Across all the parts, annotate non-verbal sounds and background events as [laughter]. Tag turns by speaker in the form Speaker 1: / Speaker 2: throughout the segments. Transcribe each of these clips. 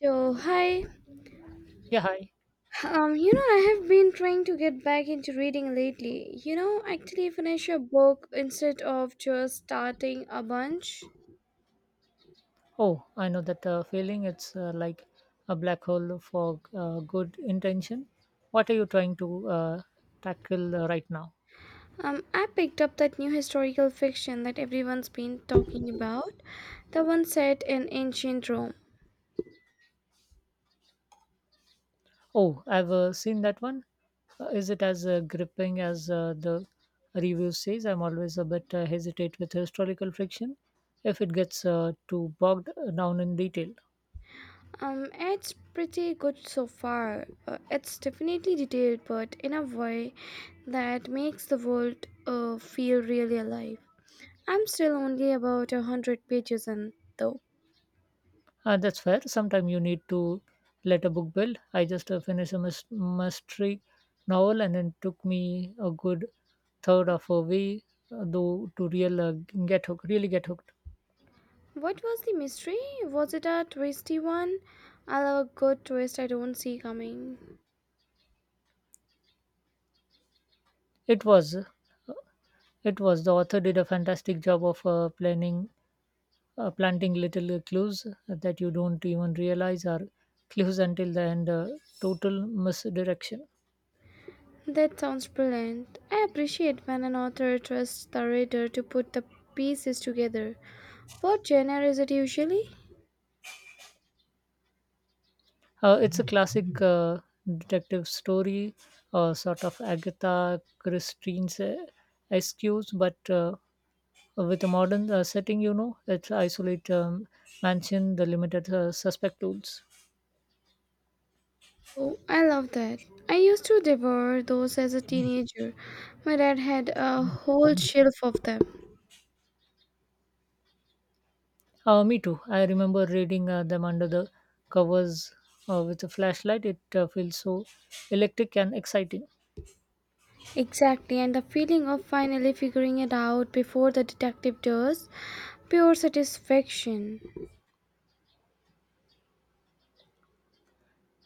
Speaker 1: So, hi.
Speaker 2: Yeah, hi.
Speaker 1: I have been trying to get back into reading lately. Actually finish a book instead of just starting a bunch.
Speaker 2: Oh, I know that feeling. It's like a black hole for good intention. What are you trying to tackle right now?
Speaker 1: I picked up that new historical fiction that everyone's been talking about, the one set in ancient Rome.
Speaker 2: Oh, I've seen that one. Is it as gripping as the review says? I'm always a bit hesitate with historical fiction if it gets too bogged down in detail.
Speaker 1: It's pretty good so far. It's definitely detailed, but in a way that makes the world feel really alive. I'm still only about 100 pages in, though.
Speaker 2: That's fair. Sometimes you need to let a book build. I just finished a mystery novel and it took me a good third of a way though to real get hooked, really get hooked.
Speaker 1: What was the mystery? Was it a twisty one? I love a good twist I don't see coming.
Speaker 2: It was uh, it was the author did a fantastic job of planning planting little clues that you don't even realize are clues until the end, total misdirection.
Speaker 1: That sounds brilliant. I appreciate when an author trusts the reader to put the pieces together. What genre is it usually?
Speaker 2: It's a classic detective story, sort of Agatha Christie's excuse, but with a modern setting, you know, it's isolate mansion, the limited suspect tools.
Speaker 1: Oh, I love that. I used to devour those as a teenager. My dad had a whole shelf of them.
Speaker 2: Me too. I remember reading them under the covers with a flashlight. It feels so electric and exciting.
Speaker 1: Exactly, and the feeling of finally figuring it out before the detective does, pure satisfaction.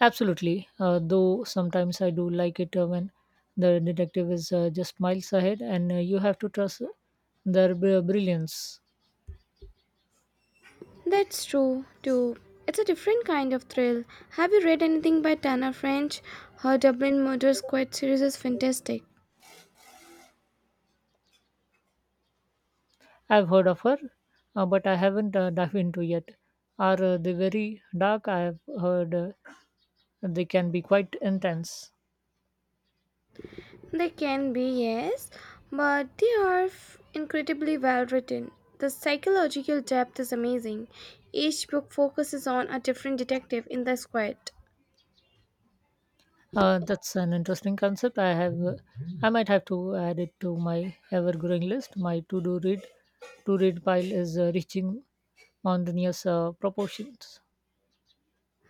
Speaker 2: Absolutely, though sometimes I do like it when the detective is just miles ahead and you have to trust their brilliance.
Speaker 1: That's true, too. It's a different kind of thrill. Have you read anything by Tana French? Her Dublin Murder Squad series is fantastic.
Speaker 2: I've heard of her, but I haven't dived into yet. Are they very dark? I have heard they can be quite intense.
Speaker 1: They can be, yes, but they are incredibly well written. The psychological depth is amazing. Each book focuses on a different detective in the squad.
Speaker 2: That's an interesting concept. I might have to add it to my ever-growing list. To-read pile is reaching mountainous proportions.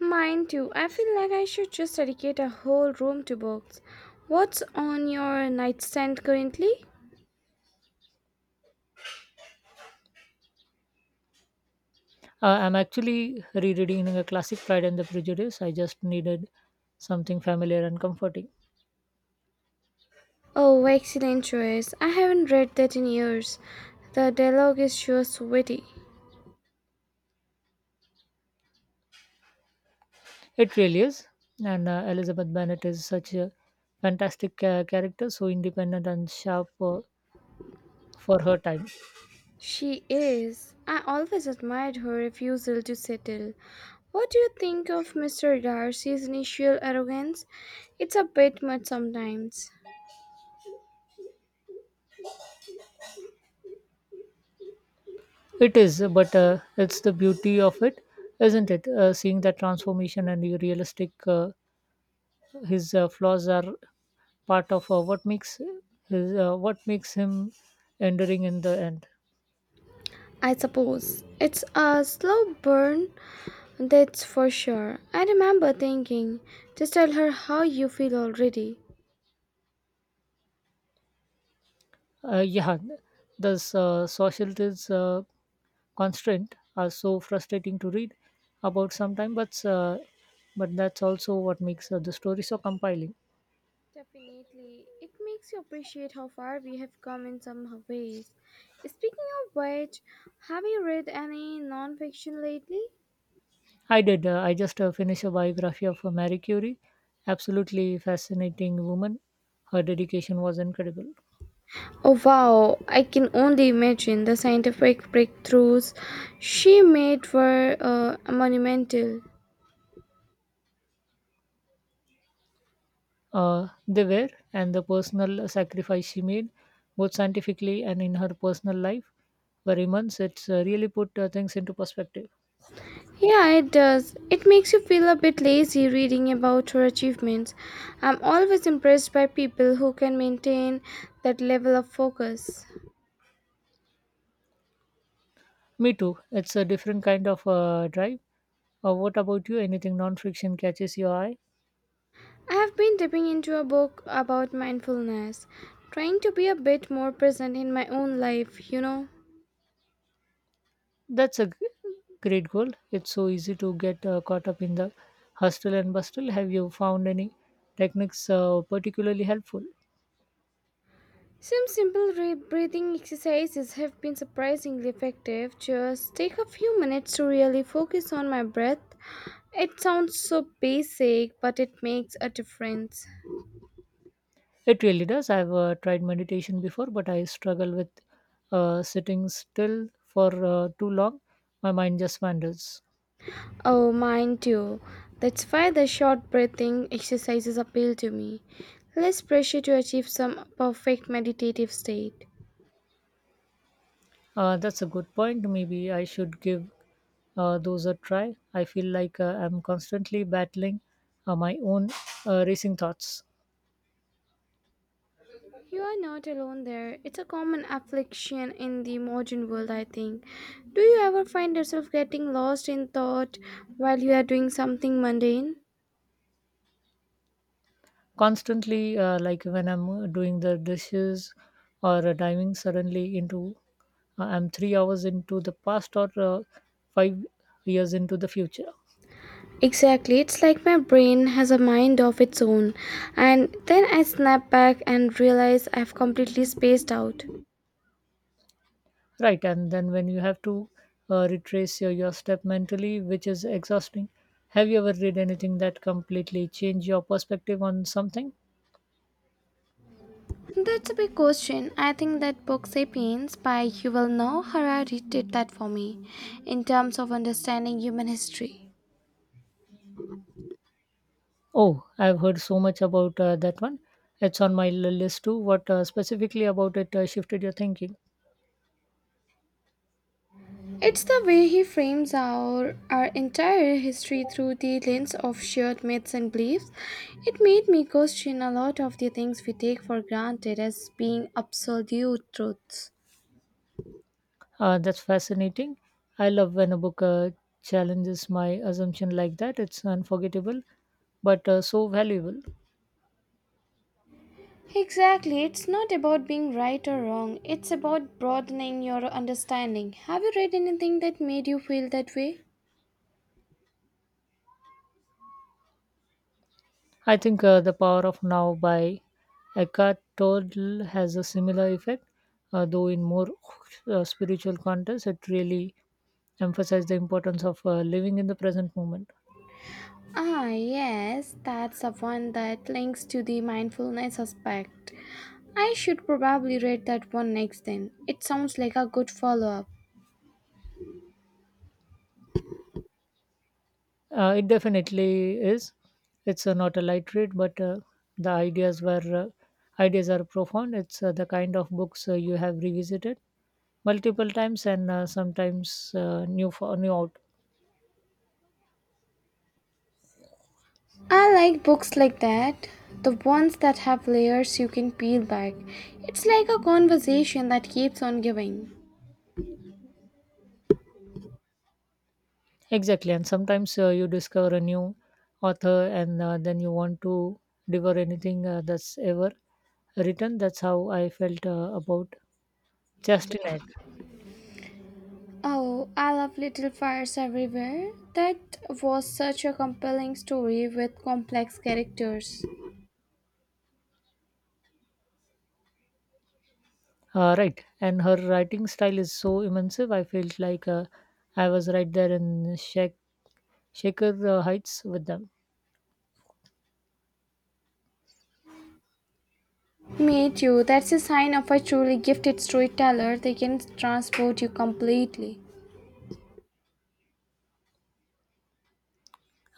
Speaker 1: Mine too. I feel like I should just dedicate a whole room to books. What's on your nightstand currently?
Speaker 2: I'm actually rereading a classic, Pride and the Prejudice. I just needed something familiar and comforting.
Speaker 1: Oh, excellent choice. I haven't read that in years. The dialogue is sure witty.
Speaker 2: It really is. And Elizabeth Bennet is such a fantastic character, so independent and sharp for her time.
Speaker 1: She is. I always admired her refusal to settle. What do you think of Mr. Darcy's initial arrogance? It's a bit much sometimes.
Speaker 2: It is, but it's the beauty of it, isn't it? Seeing that transformation and the realistic, his flaws are part of what makes him enduring in the end.
Speaker 1: I suppose. It's a slow burn, that's for sure. I remember thinking, just tell her how you feel already.
Speaker 2: Yeah, thus socialist constraint are so frustrating to read about sometimes, but that's also what makes the story so compelling.
Speaker 1: Definitely. It makes you appreciate how far we have come in some ways. Speaking of which, have you read any non-fiction lately?
Speaker 2: I did. I just finished a biography of Marie Curie. Absolutely fascinating woman. Her dedication was incredible.
Speaker 1: Oh wow, I can only imagine the scientific breakthroughs she made were monumental.
Speaker 2: They were, and the personal sacrifice she made, both scientifically and in her personal life, were immense. It's really put things into perspective.
Speaker 1: Yeah, it does. It makes you feel a bit lazy reading about her achievements. I'm always impressed by people who can maintain that level of focus.
Speaker 2: Me too. It's a different kind of drive. What about you? Anything non-fiction catches your eye?
Speaker 1: I have been dipping into a book about mindfulness, trying to be a bit more present in my own life.
Speaker 2: That's a great goal. It's so easy to get caught up in the hustle and bustle. Have you found any techniques particularly helpful?
Speaker 1: Some simple breathing exercises have been surprisingly effective. Just take a few minutes to really focus on my breath. It sounds so basic, but it makes a difference.
Speaker 2: It really does. I've tried meditation before, but I struggle with sitting still for too long. My mind just wanders.
Speaker 1: Oh, mind too. That's why the short breathing exercises appeal to me. Less pressure to achieve some perfect meditative state.
Speaker 2: That's a good point. Maybe I should give those a try. I feel like I'm constantly battling my own racing thoughts.
Speaker 1: You are not alone there. It's a common affliction in the modern world, I think. Do you ever find yourself getting lost in thought while you are doing something mundane?
Speaker 2: Constantly, like when I'm doing the dishes or diving suddenly into, I'm 3 hours into the past or 5 years into the future.
Speaker 1: Exactly. It's like my brain has a mind of its own, and then I snap back and realize I've completely spaced out.
Speaker 2: Right, and then when you have to retrace your step mentally, which is exhausting. Have you ever read anything that completely changed your perspective on something?
Speaker 1: That's a big question. I think that book Sapiens by Yuval Noah Harari did that for me in terms of understanding human history.
Speaker 2: Oh, I've heard so much about that one. It's on my list too. What specifically about it shifted your thinking?
Speaker 1: It's the way he frames our entire history through the lens of shared myths and beliefs. It made me question a lot of the things we take for granted as being absolute truths.
Speaker 2: That's fascinating. I love when a book challenges my assumption like that. It's unforgettable, but so valuable.
Speaker 1: Exactly, it's not about being right or wrong, it's about broadening your understanding. Have you read anything that made you feel that way?
Speaker 2: I think The Power of Now by Eckhart Tolle has a similar effect, though in more spiritual context, it really emphasizes the importance of living in the present moment.
Speaker 1: Ah, yes, that's the one that links to the mindfulness aspect. I should probably read that one next then. It sounds like a good follow up.
Speaker 2: It definitely is. It's not a light read, but the ideas were ideas are profound. It's the kind of books you have revisited multiple times and sometimes new for new out
Speaker 1: I like books like that, the ones that have layers you can peel back. It's like a conversation that keeps on giving.
Speaker 2: exactly. And sometimes you discover a new author, and then you want to devour anything that's ever written. That's how I felt about Justin.
Speaker 1: Oh, I love Little Fires Everywhere. That was such a compelling story with complex characters.
Speaker 2: Right, and her writing style is so immersive. I felt like I was right there in Shaker Heights with them.
Speaker 1: Me too, that's a sign of a truly gifted storyteller, they can transport you completely.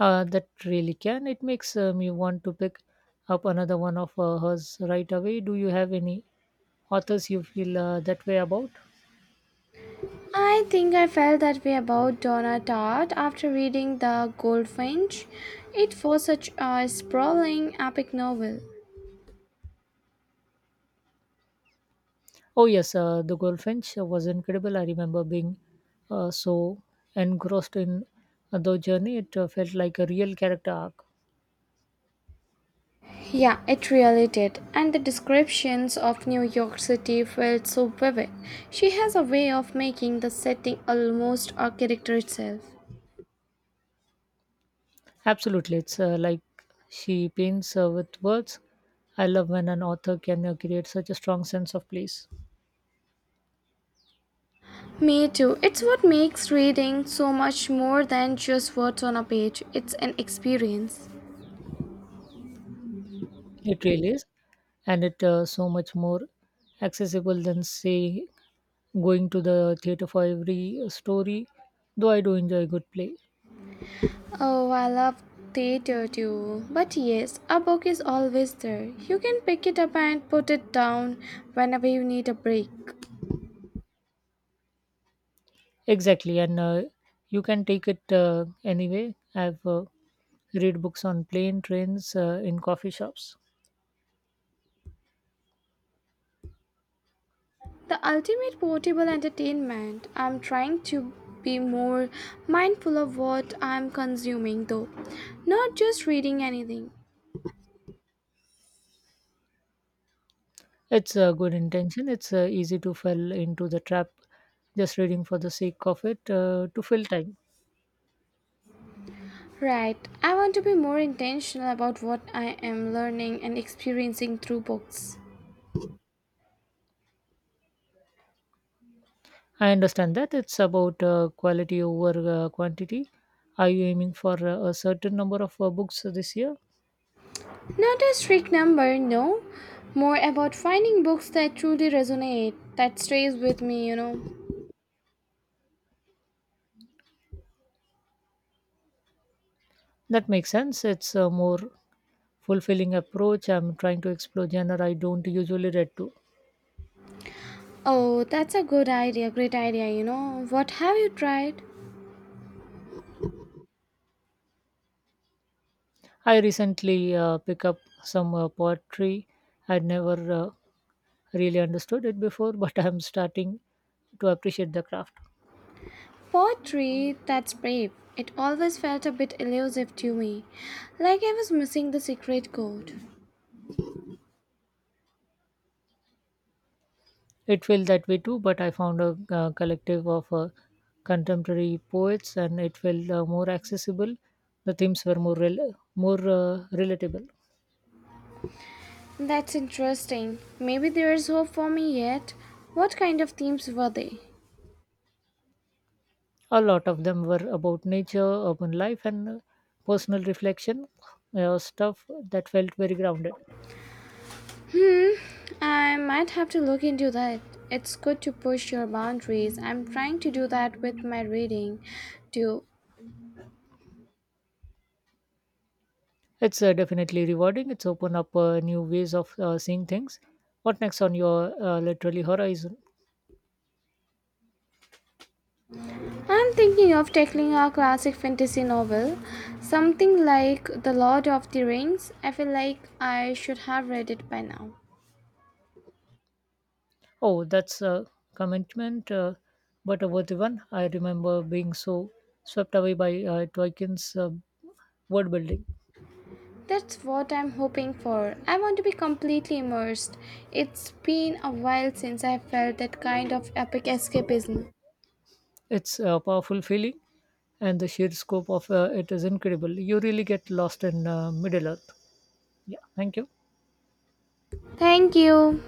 Speaker 2: That really can. It makes me want to pick up another one of hers right away. Do you have any authors you feel that way about?
Speaker 1: I think I felt that way about Donna Tartt after reading The Goldfinch. It was such a sprawling, epic novel.
Speaker 2: Oh, yes, The Goldfinch was incredible. I remember being so engrossed in the journey, it felt like a real character arc.
Speaker 1: Yeah, it really did. And the descriptions of New York City felt so vivid. She has a way of making the setting almost a character itself.
Speaker 2: Absolutely. It's like she paints with words. I love when an author can create such a strong sense of place.
Speaker 1: Me too. It's what makes reading so much more than just words on a page. It's an experience.
Speaker 2: It really is. And it so much more accessible than, say, going to the theater for every story, though I do enjoy a good play.
Speaker 1: Oh, I love theater too. But yes, a book is always there. You can pick it up and put it down whenever you need a break.
Speaker 2: Exactly. And you can take it anyway. I've read books on plane, trains, in coffee shops.
Speaker 1: The ultimate portable entertainment. I'm trying to be more mindful of what I'm consuming, though, not just reading anything.
Speaker 2: It's a good intention. It's easy to fall into the trap just reading for the sake of it to fill time.
Speaker 1: Right, I want to be more intentional about what I am learning and experiencing through books.
Speaker 2: I understand that it's about quality over quantity. Are you aiming for a certain number of books this year?
Speaker 1: Not a strict number, no. More about finding books that truly resonate, that stays with me.
Speaker 2: That makes sense. It's a more fulfilling approach. I'm trying to explore genre I don't usually read to.
Speaker 1: Oh, that's a good idea, great idea. What have you tried?
Speaker 2: I recently pick up some poetry. I'd never really understood it before, [laughs] but I'm starting to appreciate the craft.
Speaker 1: Poetry, that's brave. It always felt a bit elusive to me, like I was missing the secret code.
Speaker 2: It felt that way too, but I found a collective of contemporary poets and it felt more accessible. The themes were more relatable.
Speaker 1: That's interesting. Maybe there is hope for me yet. What kind of themes were they?
Speaker 2: A lot of them were about nature, urban life, and personal reflection, stuff that felt very grounded.
Speaker 1: Hmm, I might have to look into that. It's good to push your boundaries. I'm trying to do that with my reading too.
Speaker 2: It's definitely rewarding. It's opened up new ways of seeing things. What next on your literary horizon?
Speaker 1: I'm thinking of tackling a classic fantasy novel, something like The Lord of the Rings. I feel like I should have read it by now.
Speaker 2: Oh, that's a commitment, but a worthy one. I remember being so swept away by Tolkien's world building.
Speaker 1: That's what I'm hoping for. I want to be completely immersed. It's been a while since I felt that kind of epic escapism.
Speaker 2: It's a powerful feeling, and the sheer scope of it is incredible. You really get lost in Middle Earth. Yeah, thank you.
Speaker 1: Thank you.